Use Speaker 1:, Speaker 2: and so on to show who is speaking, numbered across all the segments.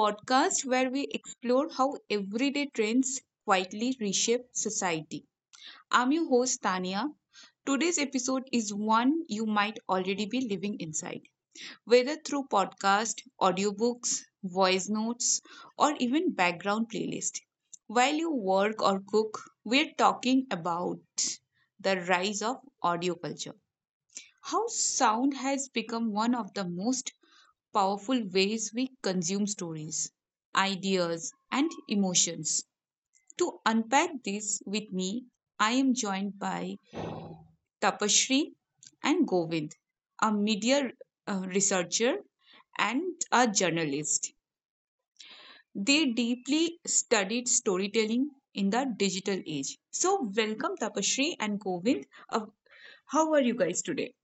Speaker 1: podcast where we explore how everyday trends quietly reshape society. I'm your host, Tania. Today's episode is one you might already be living inside, whether through podcast, audiobooks, voice notes, or even background playlist. While you work or cook, we're talking about the rise of audio culture. How sound has become one of the most powerful ways we consume stories, ideas, and emotions. To unpack this with me, I am joined by Tapashri and Govind, a media researcher and a journalist. They deeply studied storytelling in the digital age. So, welcome Tapashri and Govind. How are you guys today?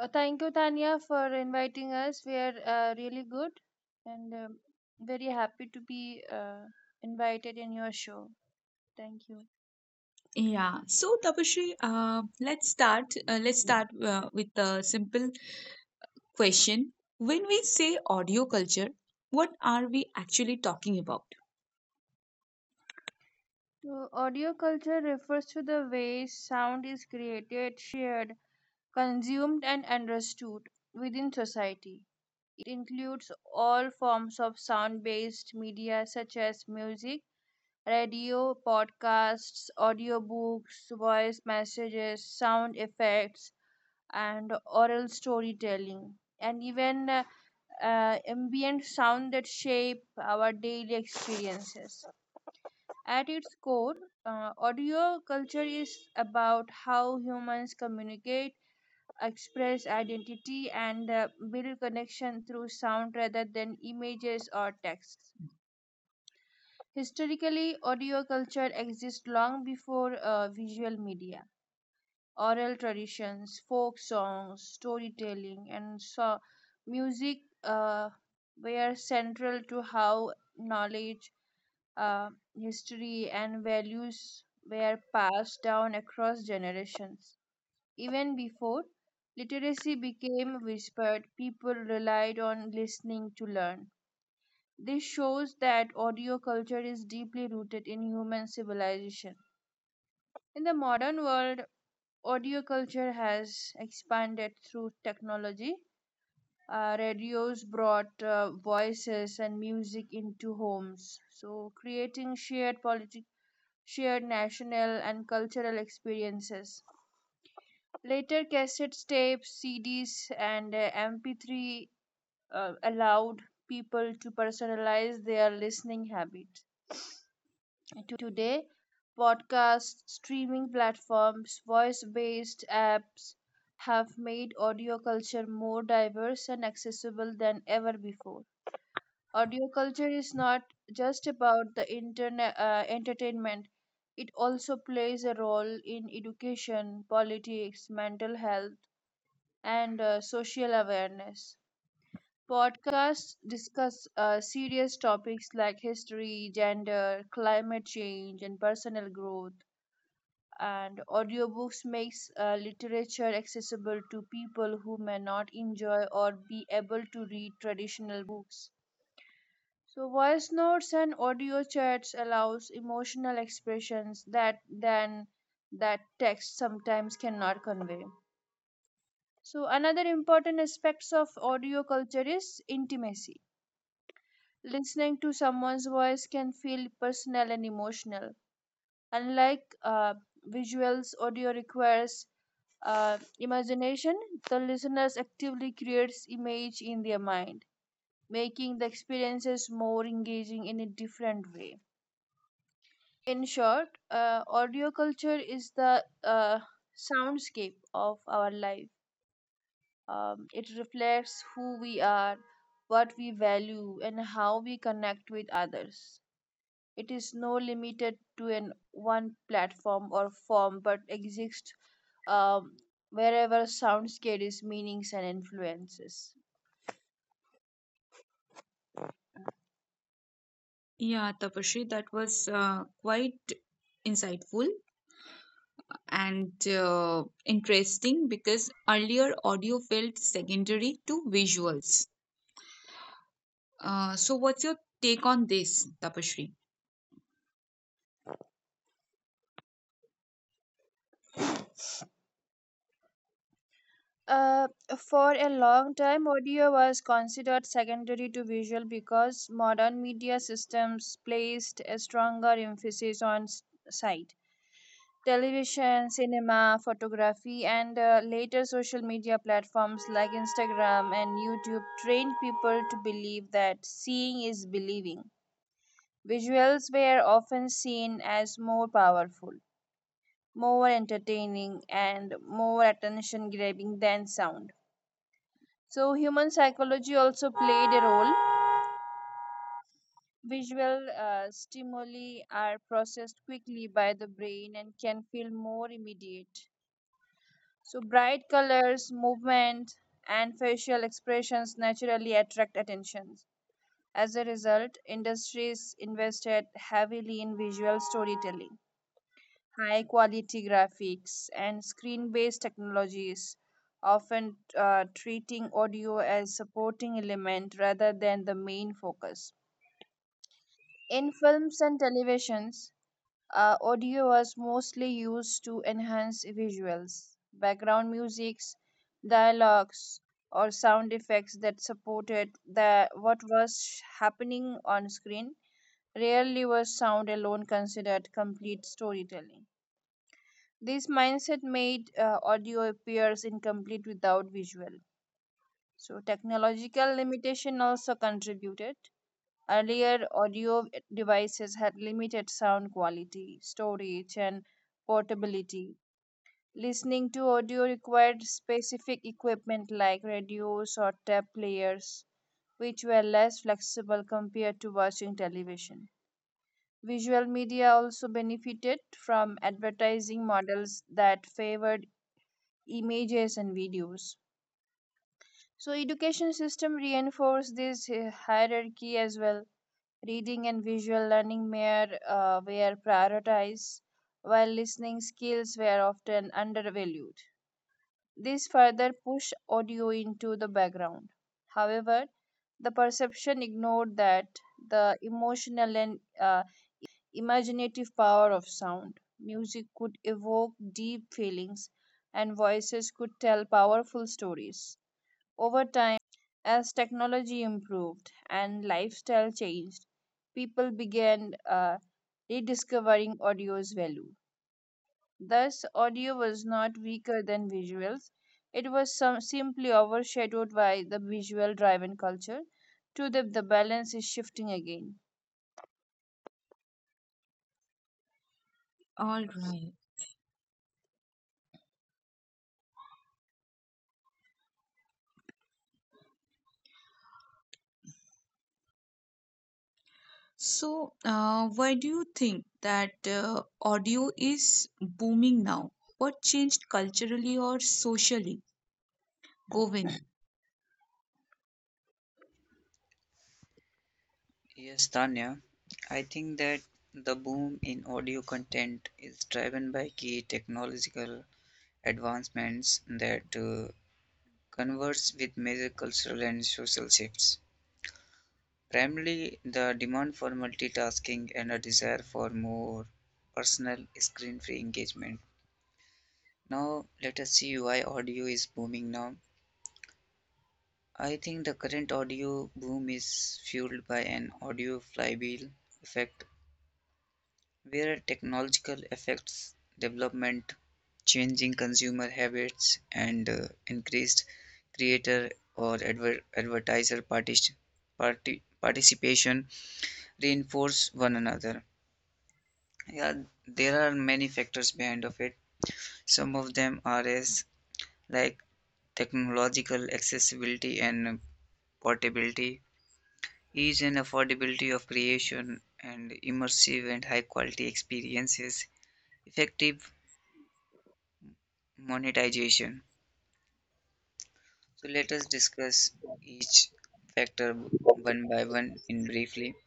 Speaker 2: Thank you, Tanya, for inviting us. We are really good and very happy to be invited in your show. Thank you.
Speaker 1: Yeah. So, Tapashri, let's start. Let's start with a simple question. When we say audio culture, what are we actually talking about?
Speaker 2: So, audio culture refers to the ways sound is created, shared, consumed, and understood within society. It includes all forms of sound based media such as music, radio, podcasts, audiobooks, voice messages, sound effects, and oral storytelling, and even ambient sound that shape our daily experiences. At its core, audio culture is about how humans communicate, express identity, and build connection through sound rather than images or text. Historically, audio culture exists long before visual media. Oral traditions, folk songs, storytelling, and so music uh, were central to how knowledge, uh, history, and values were passed down across generations. Even before literacy became whispered, people relied on listening to learn. This shows that audio culture is deeply rooted in human civilization. In the modern world, audio culture has expanded through technology. Radios brought voices and music into homes, so creating shared national and cultural experiences. Later, cassette tapes, CDs, and MP3 allowed people to personalize their listening habit. Today, podcasts, streaming platforms, voice based apps have made audio culture more diverse and accessible than ever before. Audio culture is not just about the internet entertainment. It also plays a role in education, politics, mental health, and social awareness. Podcasts discuss serious topics like history, gender, climate change, and personal growth, and audiobooks makes literature accessible to people who may not enjoy or be able to read traditional books. So voice notes and audio chats allows emotional expressions that then that text sometimes cannot convey. So another important aspects of audio culture is intimacy. Listening to someone's voice can feel personal and emotional, unlike visuals. Audio requires imagination, the listeners actively creates image in their mind, making the experiences more engaging in a different way. In short, audio culture is the soundscape of our life. It reflects who we are, what we value, and how we connect with others. It is no limited to an one platform or form, but exists um, wherever sounds carries meanings and influences.
Speaker 1: Yeah, Tapashri, that was quite insightful and interesting because earlier audio felt secondary to visuals. So, what's your take on this, Tapashri?
Speaker 2: Uh, for a long time, audio was considered secondary to visual because modern media systems placed a stronger emphasis on sight. Television, cinema, photography, and later social media platforms like Instagram and YouTube trained people to believe that seeing is believing. Visuals were often seen as more powerful, more entertaining, and more attention grabbing than sound. So, human psychology also played a role. Visual stimuli are processed quickly by the brain and can feel more immediate. So, bright colors, movement, and facial expressions naturally attract attention. As a result, industries invested heavily in visual storytelling, high quality graphics, and screen based technologies, often treating audio as supporting element rather than the main focus. In films and televisions, audio was mostly used to enhance visuals, background musics, dialogues, or sound effects that supported the what was happening on screen. Rarely was sound alone considered complete storytelling. This mindset made audio appears incomplete without visual. So technological limitation also contributed. Earlier, audio devices had limited sound quality, storage, and portability. Listening to audio required specific equipment like radios or tape players, which were less flexible compared to watching television. Visual media also benefited from advertising models that favored images and videos. So education system reinforced this hierarchy as well. Reading and visual learning were prioritized, while listening skills were often undervalued. This further pushed audio into the background. However, the perception ignored that the emotional and imaginative power of sound. Music could evoke deep feelings, and voices could tell powerful stories. Over time, as technology improved and lifestyle changed, people began rediscovering audio's value. Thus, audio was not weaker than visuals, it was simply overshadowed by the visual driven culture. To them, the balance is shifting again.
Speaker 1: All right. So, why do you think that audio is booming now? What changed culturally or socially? Govind.
Speaker 3: Yes, Tanya. I think that the boom in audio content is driven by key technological advancements that converse with major cultural and social shifts. Primarily, the demand for multitasking and a desire for more personal screen-free engagement. Now, let us see why audio is booming now. I think the current audio boom is fueled by an audio flywheel effect where technological effects, development, changing consumer habits, and increased creator or advertiser participation reinforce one another. Yeah, there are many factors behind of it. Some of them are as like technological accessibility and portability, ease and affordability of creation, and immersive and high quality experiences, effective monetization. So let us discuss each factor one by one in briefly.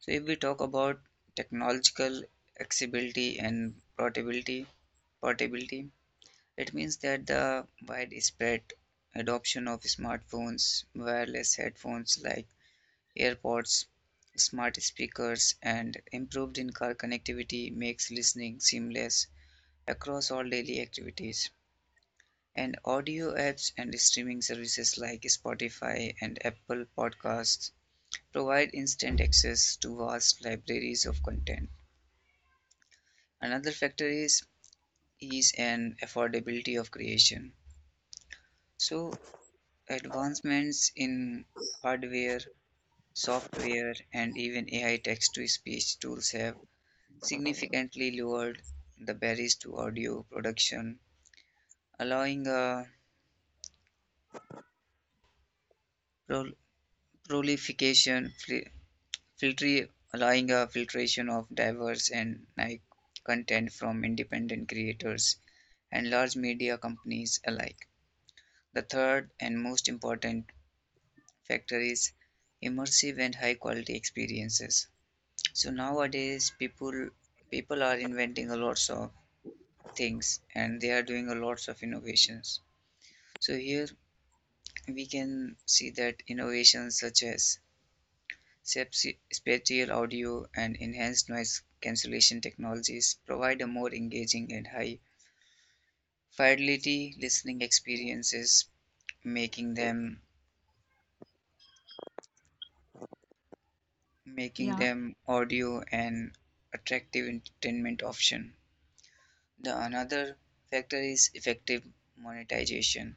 Speaker 3: So if we talk about technological accessibility and portability, it means that the widespread adoption of smartphones, wireless headphones like AirPods, smart speakers, and improved in-car connectivity makes listening seamless across all daily activities, and audio apps and streaming services like Spotify and Apple Podcasts provide instant access to vast libraries of content. Another factor is ease and affordability of creation. So, advancements in hardware, software, and even AI text to speech tools have significantly lowered the barriers to audio production, allowing a prol- proliferation, filtry allowing a filtration of diverse and like content from independent creators and large media companies alike. The third and most important factor is immersive and high quality experiences. So nowadays people are inventing a lots of things, and they are doing a lots of innovations. So here we can see that innovations such as spatial audio and enhanced noise cancellation technologies provide a more engaging and high fidelity listening experiences, making them making
Speaker 1: Yeah.
Speaker 3: them audio an attractive entertainment option. The another factor is effective monetization.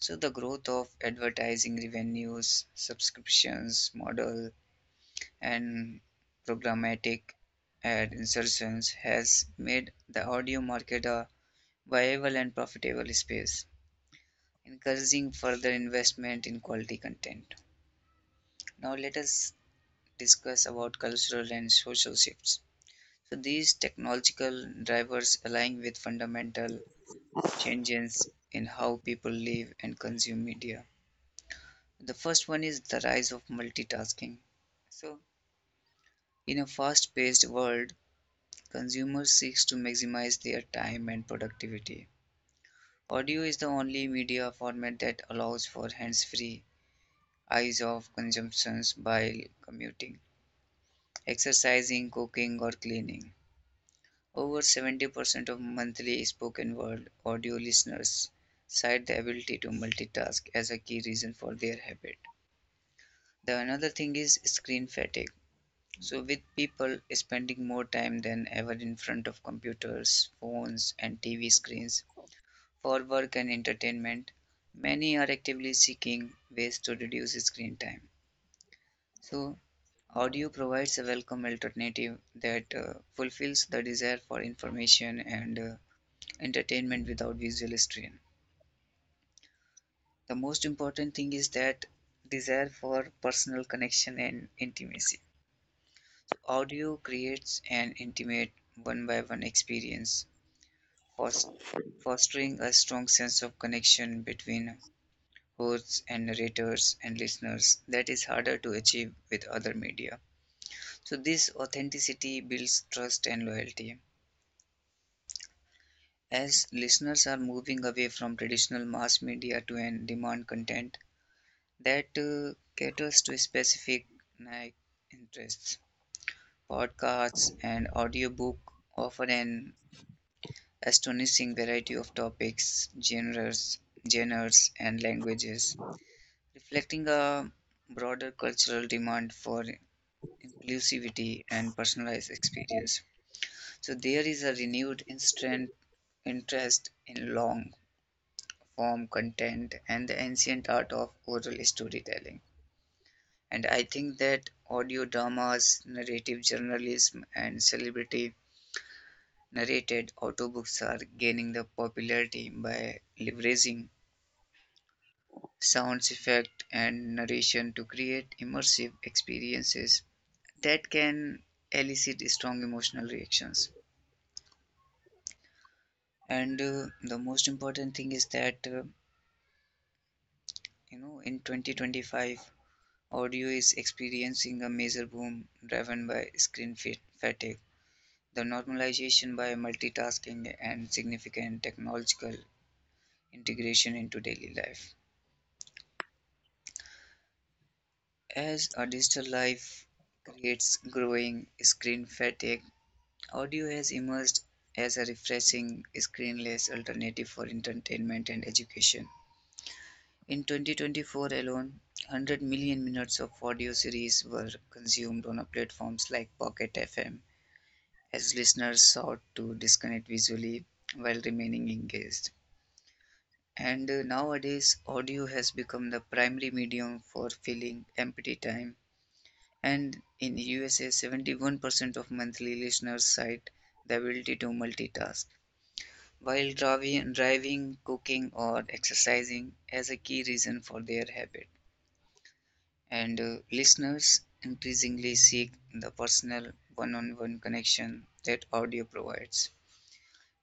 Speaker 3: So the growth of advertising revenues, subscriptions model, and programmatic ad insertions has made the audio market a viable and profitable space, encouraging further investment in quality content. Now let us discuss about cultural and social shifts. So these technological drivers align with fundamental changes in how people live and consume media. The first one is the rise of multitasking. So in a fast-paced world, consumers seek to maximize their time and productivity. Audio is the only media format that allows for hands-free eyes of consumptions while commuting, exercising, cooking, or cleaning. Over 70% of monthly spoken word audio listeners cite the ability to multitask as a key reason for their habit. The another thing is screen fatigue. So, with people spending more time than ever in front of computers, phones, and TV screens for work and entertainment, many are actively seeking ways to reduce screen time. So, audio provides a welcome alternative that fulfills the desire for information and entertainment without visual strain. The most important thing is that desire for personal connection and intimacy. So, audio creates an intimate one by one experience, fos- fostering a strong sense of connection between hosts and narrators and listeners that is harder to achieve with other media. So this authenticity builds trust and loyalty. As listeners are moving away from traditional mass media to an demand content that caters to specific niche interests, podcasts and audiobook offer an astonishing variety of topics, genres and languages, reflecting a broader cultural demand for inclusivity and personalized experience. So there is a renewed interest in long form content and the ancient art of oral storytelling. And I think that audio dramas, narrative journalism, and celebrity narrated audiobooks are gaining the popularity by leveraging sound effect and narration to create immersive experiences that can elicit strong emotional reactions. And the most important thing is that in 2025, audio is experiencing a major boom driven by screen fatigue, the normalization by multitasking, and significant technological integration into daily life. As a digital life creates growing screen fatigue, audio has emerged as a refreshing screenless alternative for entertainment and education. In 2024 alone, 100 million minutes of audio series were consumed on platforms like Pocket FM as listeners sought to disconnect visually while remaining engaged. And nowadays, audio has become the primary medium for filling empty time. And in USA, 71% of monthly listeners cite the ability to multitask while driving, cooking, or exercising as a key reason for their habit. And listeners increasingly seek the personal one on one connection that audio provides,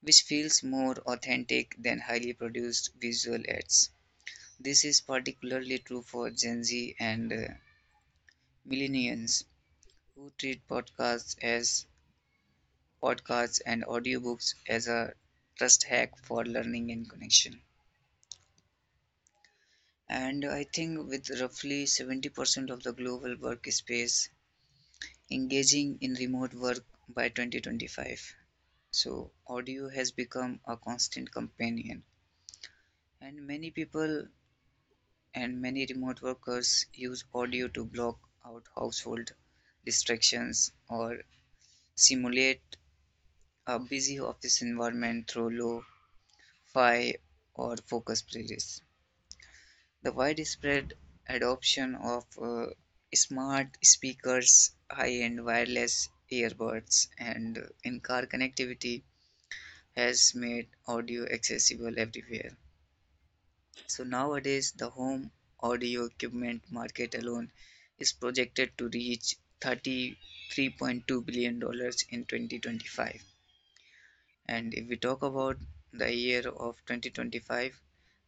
Speaker 3: which feels more authentic than highly produced visual ads. This is particularly true for Gen Z and millennials, who treat podcasts as podcasts and audiobooks as a trust hack for learning and connection. And I think with roughly 70% of the global workspace engaging in remote work by 2025, so audio has become a constant companion. And many people and many remote workers use audio to block out household distractions or simulate a busy office environment through lo-fi or focus playlists. The widespread adoption of smart speakers, high-end wireless earbuds, and in-car connectivity has made audio accessible everywhere. So nowadays, the home audio equipment market alone is projected to reach $33.2 billion dollars in 2025. And if we talk about the year of 2025,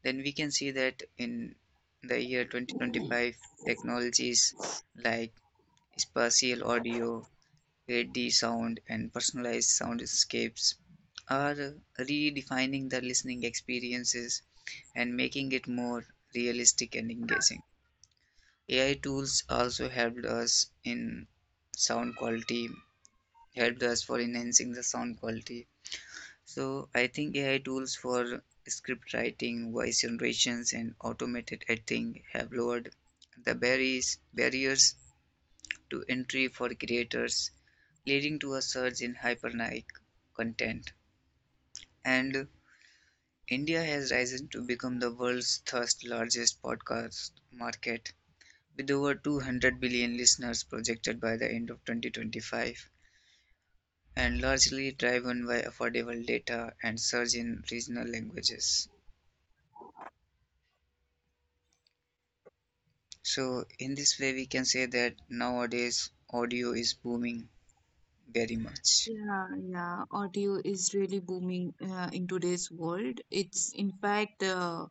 Speaker 3: then we can see that in the year 2025, technologies like spatial audio, 8D sound, and personalized soundscapes are redefining the listening experiences and making it more realistic and engaging. AI tools also helped us in sound quality, helped us for enhancing the sound quality. So I think AI tools for script writing, voice generations, and automated editing have lowered the barriers to entry for creators, leading to a surge in hypernic content. And India has risen to become the world's third largest podcast market, with over 200 billion listeners projected by the end of 2025, and largely driven by affordable data and surge in regional languages. So, in this way, we can say that nowadays audio is booming very much.
Speaker 1: Yeah, yeah. Audio is really booming in today's world. It's in fact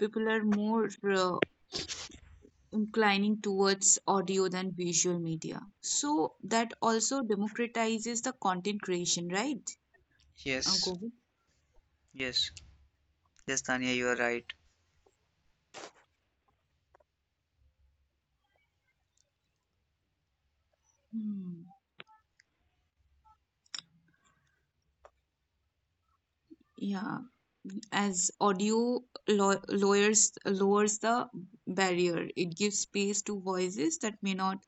Speaker 1: people are more inclining towards audio than visual media. So that also democratizes the content creation, right? Uh,
Speaker 3: Yes,
Speaker 1: Govind?
Speaker 3: yes, yes, Tanya, you are right.
Speaker 1: Hmm. Yeah, as audio lowers the barrier. It gives space to voices that may not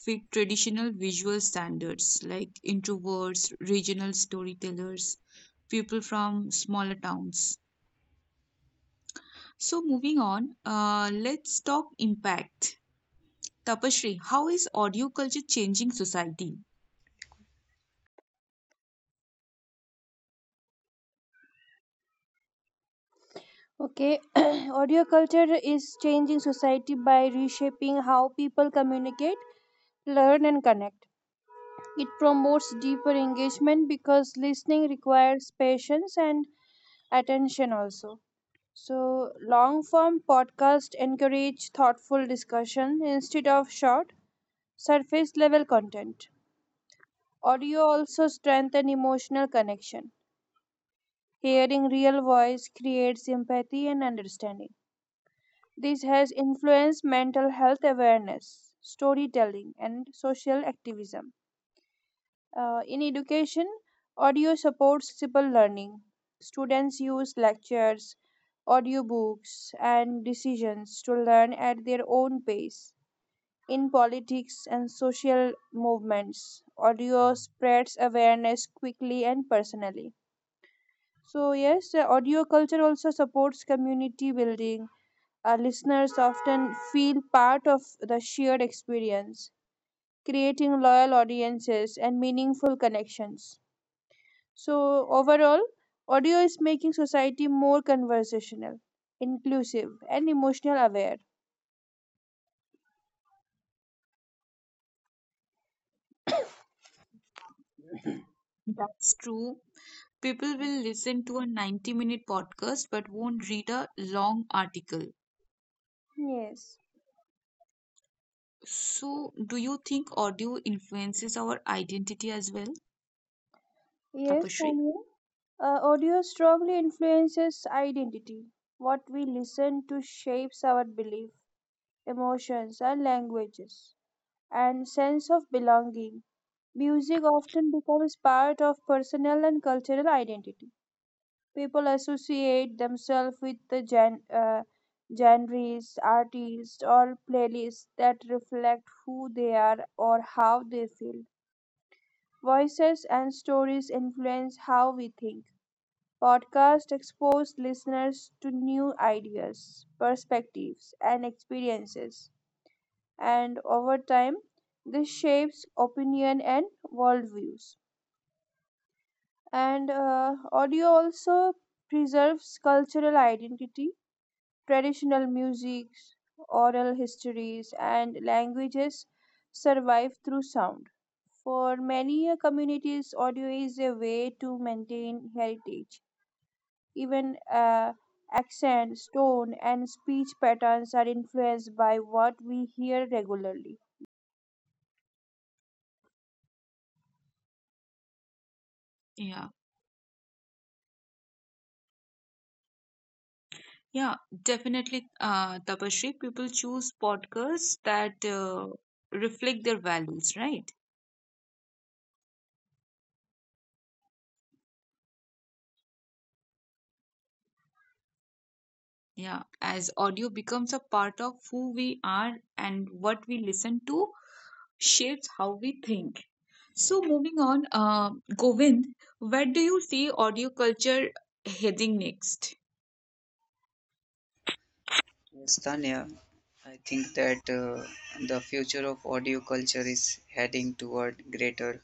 Speaker 1: fit traditional visual standards, like introverts, regional storytellers, people from smaller towns. So moving on, let's talk impact. Tapashri, how is audio culture changing society?
Speaker 2: Okay, audio culture is changing society by reshaping how people communicate, learn, and connect. It promotes deeper engagement because listening requires patience and attention also. So, long form podcast encourage thoughtful discussion instead of short, surface level content. Audio also strengthen emotional connection. Hearing real voice creates empathy and understanding. This has influenced mental health awareness, storytelling, and social activism. In education, audio supports flexible learning. Students use lectures, audiobooks, and decisions to learn at their own pace. In politics and social movements, audio spreads awareness quickly and personally. So, yes, the audio culture also supports community building. Our listeners often feel part of the shared experience, creating loyal audiences and meaningful connections. So, overall, audio is making society more conversational, inclusive, and emotional aware.
Speaker 1: That's true. People will listen to a 90-minute minute podcast but won't read a long article.
Speaker 2: Yes,
Speaker 1: So, do you think audio influences our identity as well,
Speaker 2: yes,
Speaker 1: Tapashri?
Speaker 2: Tanya. Audio strongly influences identity. What we listen to shapes our belief, emotions, and languages, and sense of belonging. Music often becomes part of personal and cultural identity. People associate themselves with the genres, artists, or playlists that reflect who they are or how they feel. Voices and stories influence how we think. Podcasts expose listeners to new ideas, perspectives, and experiences, and over time, this shapes opinion and worldviews. And audio also preserves cultural identity. Traditional musics, oral histories, and languages survive through sound. For many communities, audio is a way to maintain heritage. Even accent, tone, and speech patterns are influenced by what we hear regularly.
Speaker 1: Yeah, yeah, definitely, Tapashri. People choose podcasts that reflect their values, right? Yeah, as audio becomes a part of who we are and what we listen to shapes how we think. So, moving on, Govind, where do you see audio culture heading next?
Speaker 3: Yes, Tanya, I think that the future of audio culture is heading toward greater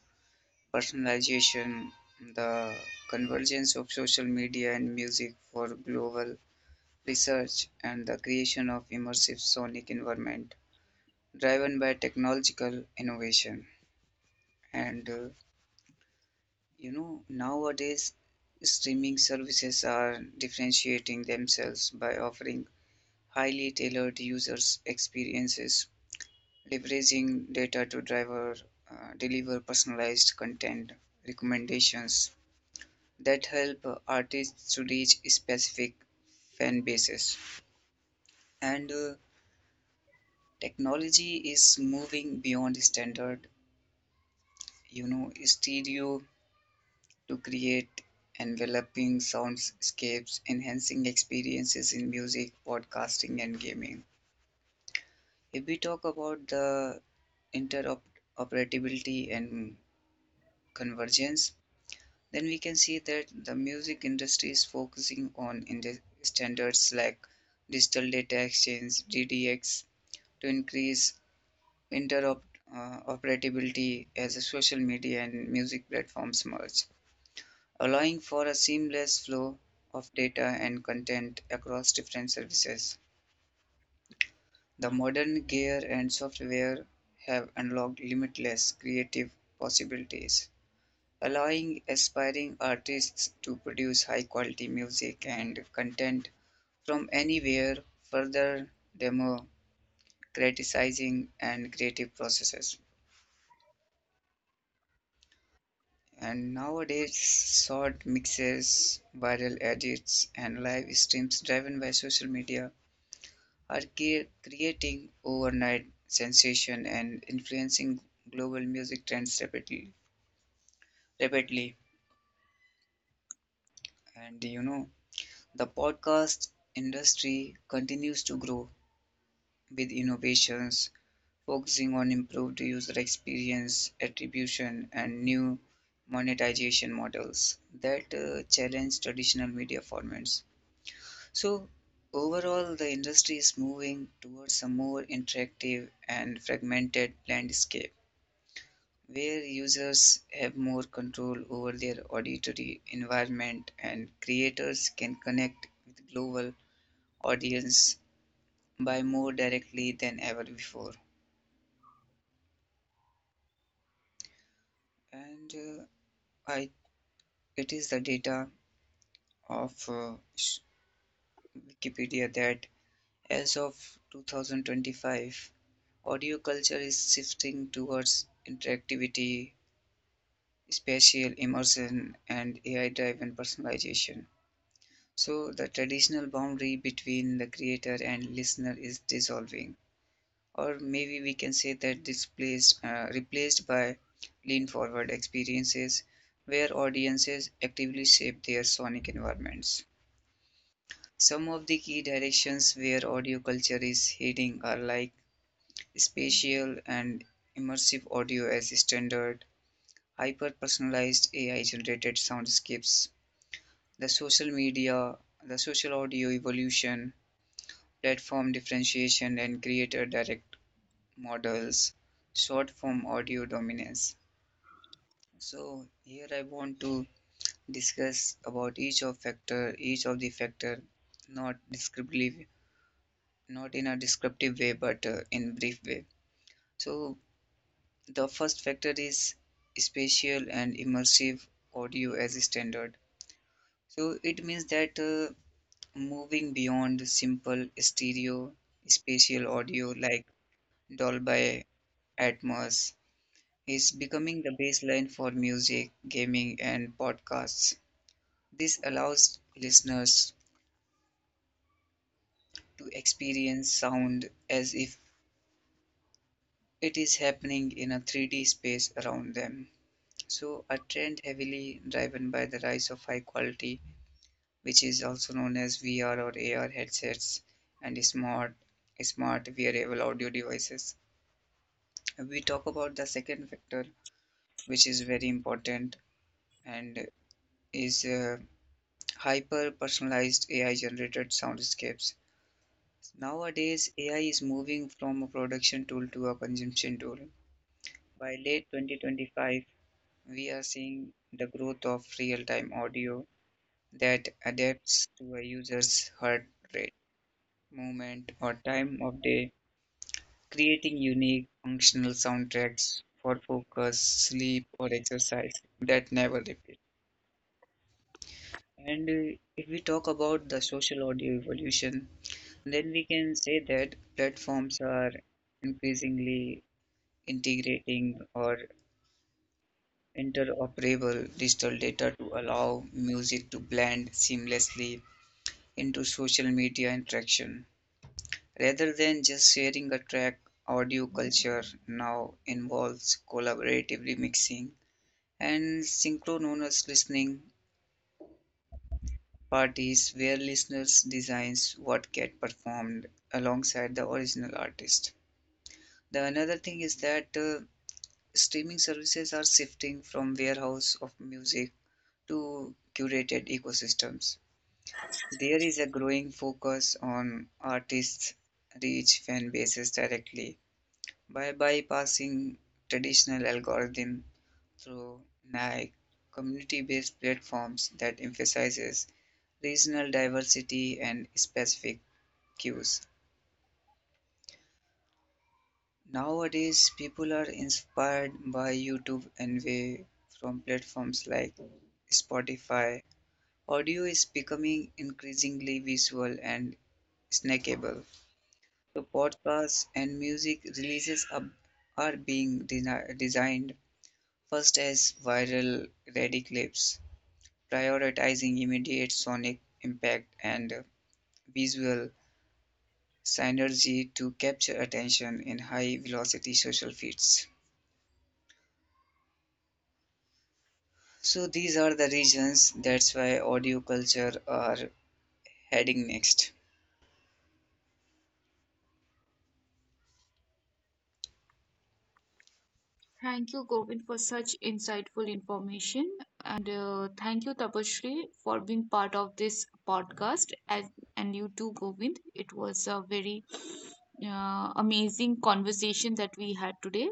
Speaker 3: personalization, the convergence of social media and music for global research, and the creation of immersive sonic environment driven by technological innovation. And nowadays streaming services are differentiating themselves by offering highly tailored users experiences, leveraging data to deliver personalized content recommendations that help artists to reach specific fan bases. And technology is moving beyond standard, stereo to create enveloping soundscapes, enhancing experiences in music, podcasting, and gaming. If we talk about the interoperability and convergence, then we can see that the music industry is focusing on standards like digital data exchange DDX to increase interoperability as the social media and music platforms merge, allowing for a seamless flow of data and content across different services. The modern gear and software have unlocked limitless creative possibilities, allowing aspiring artists to produce high quality music and content from anywhere, further democratizing and creative processes. And nowadays, short mixes, viral edits, and live streams driven by social media are creating overnight sensation and influencing global music trends rapidly. And the podcast industry continues to grow with innovations focusing on improved user experience, attribution, and new monetization models that challenge traditional media formats. So, overall, the industry is moving towards a more interactive and fragmented landscape where users have more control over their auditory environment and creators can connect with global audience by more directly than ever before. And uh, I, it is the data of Wikipedia that as of 2025, audio culture is shifting towards interactivity, spatial immersion, and AI driven personalization. So, the traditional boundary between the creator and listener is dissolving, or maybe we can say that replaced by lean forward experiences where audiences actively shape their sonic environments. Some of the key directions where audio culture is heading are like spatial and immersive audio as standard, hyper personalized AI generated soundscapes, the social media, the social audio evolution, platform differentiation, and creator direct models, short form audio dominance. So, here I want to discuss about each of factor, each of the factor, not descriptively, not in a descriptive way, but in brief way. So the first factor is spatial and immersive audio as a standard. So it means that moving beyond simple stereo, spatial audio like Dolby Atmos is becoming the baseline for music, gaming, and podcasts. This allows listeners to experience sound as if it is happening in a 3D space around them. So a trend heavily driven by the rise of high quality, which is also known as VR or AR headsets and smart wearable audio devices. We talk about the second factor, which is very important, and is hyper personalized AI generated soundscapes. Nowadays, AI is moving from a production tool to a consumption tool. By late 2025, we are seeing the growth of real time audio that adapts to a user's heart rate, movement, or time of day, creating unique functional soundtracks for focus, sleep, or exercise that never repeat. And if we talk about the social audio evolution, then we can say that platforms are increasingly integrating or interoperable digital data to allow music to blend seamlessly into social media interaction. Rather than just sharing a track, audio culture now involves collaboratively mixing and synchronous listening parties where listeners designs what get performed alongside the original artist. The another thing is that streaming services are shifting from warehouse of music to curated ecosystems. There is a growing focus on artists reach fan bases directly by bypassing traditional algorithm through NAIC community-based platforms that emphasizes regional diversity and specific cues. Nowadays, people are inspired by YouTube and way from platforms like Spotify. Audio is becoming increasingly visual and snackable. So podcasts and music releases are being designed first is viral ready clips, prioritizing immediate sonic impact and visual synergy to capture attention in high velocity social feeds. So these are the reasons that's why audio culture are heading next.
Speaker 1: Thank you, Govind, for such insightful information. And thank you, Tapashri, for being part of this podcast. As, and you too, Govind. It was a very amazing conversation that we had today.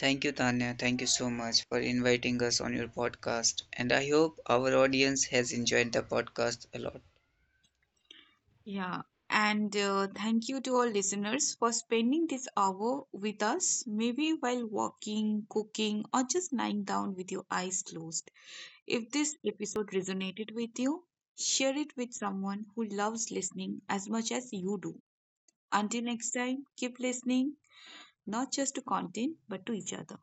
Speaker 3: Thank you, Tanya. Thank you so much for inviting us on your podcast. And I hope our audience has enjoyed the podcast a lot.
Speaker 1: Yeah. And thank you to all listeners for spending this hour with us, maybe while walking, cooking, or just lying down with your eyes closed. If this episode resonated with you, share it with someone who loves listening as much as you do. Until next time, keep listening, not just to content, but to each other.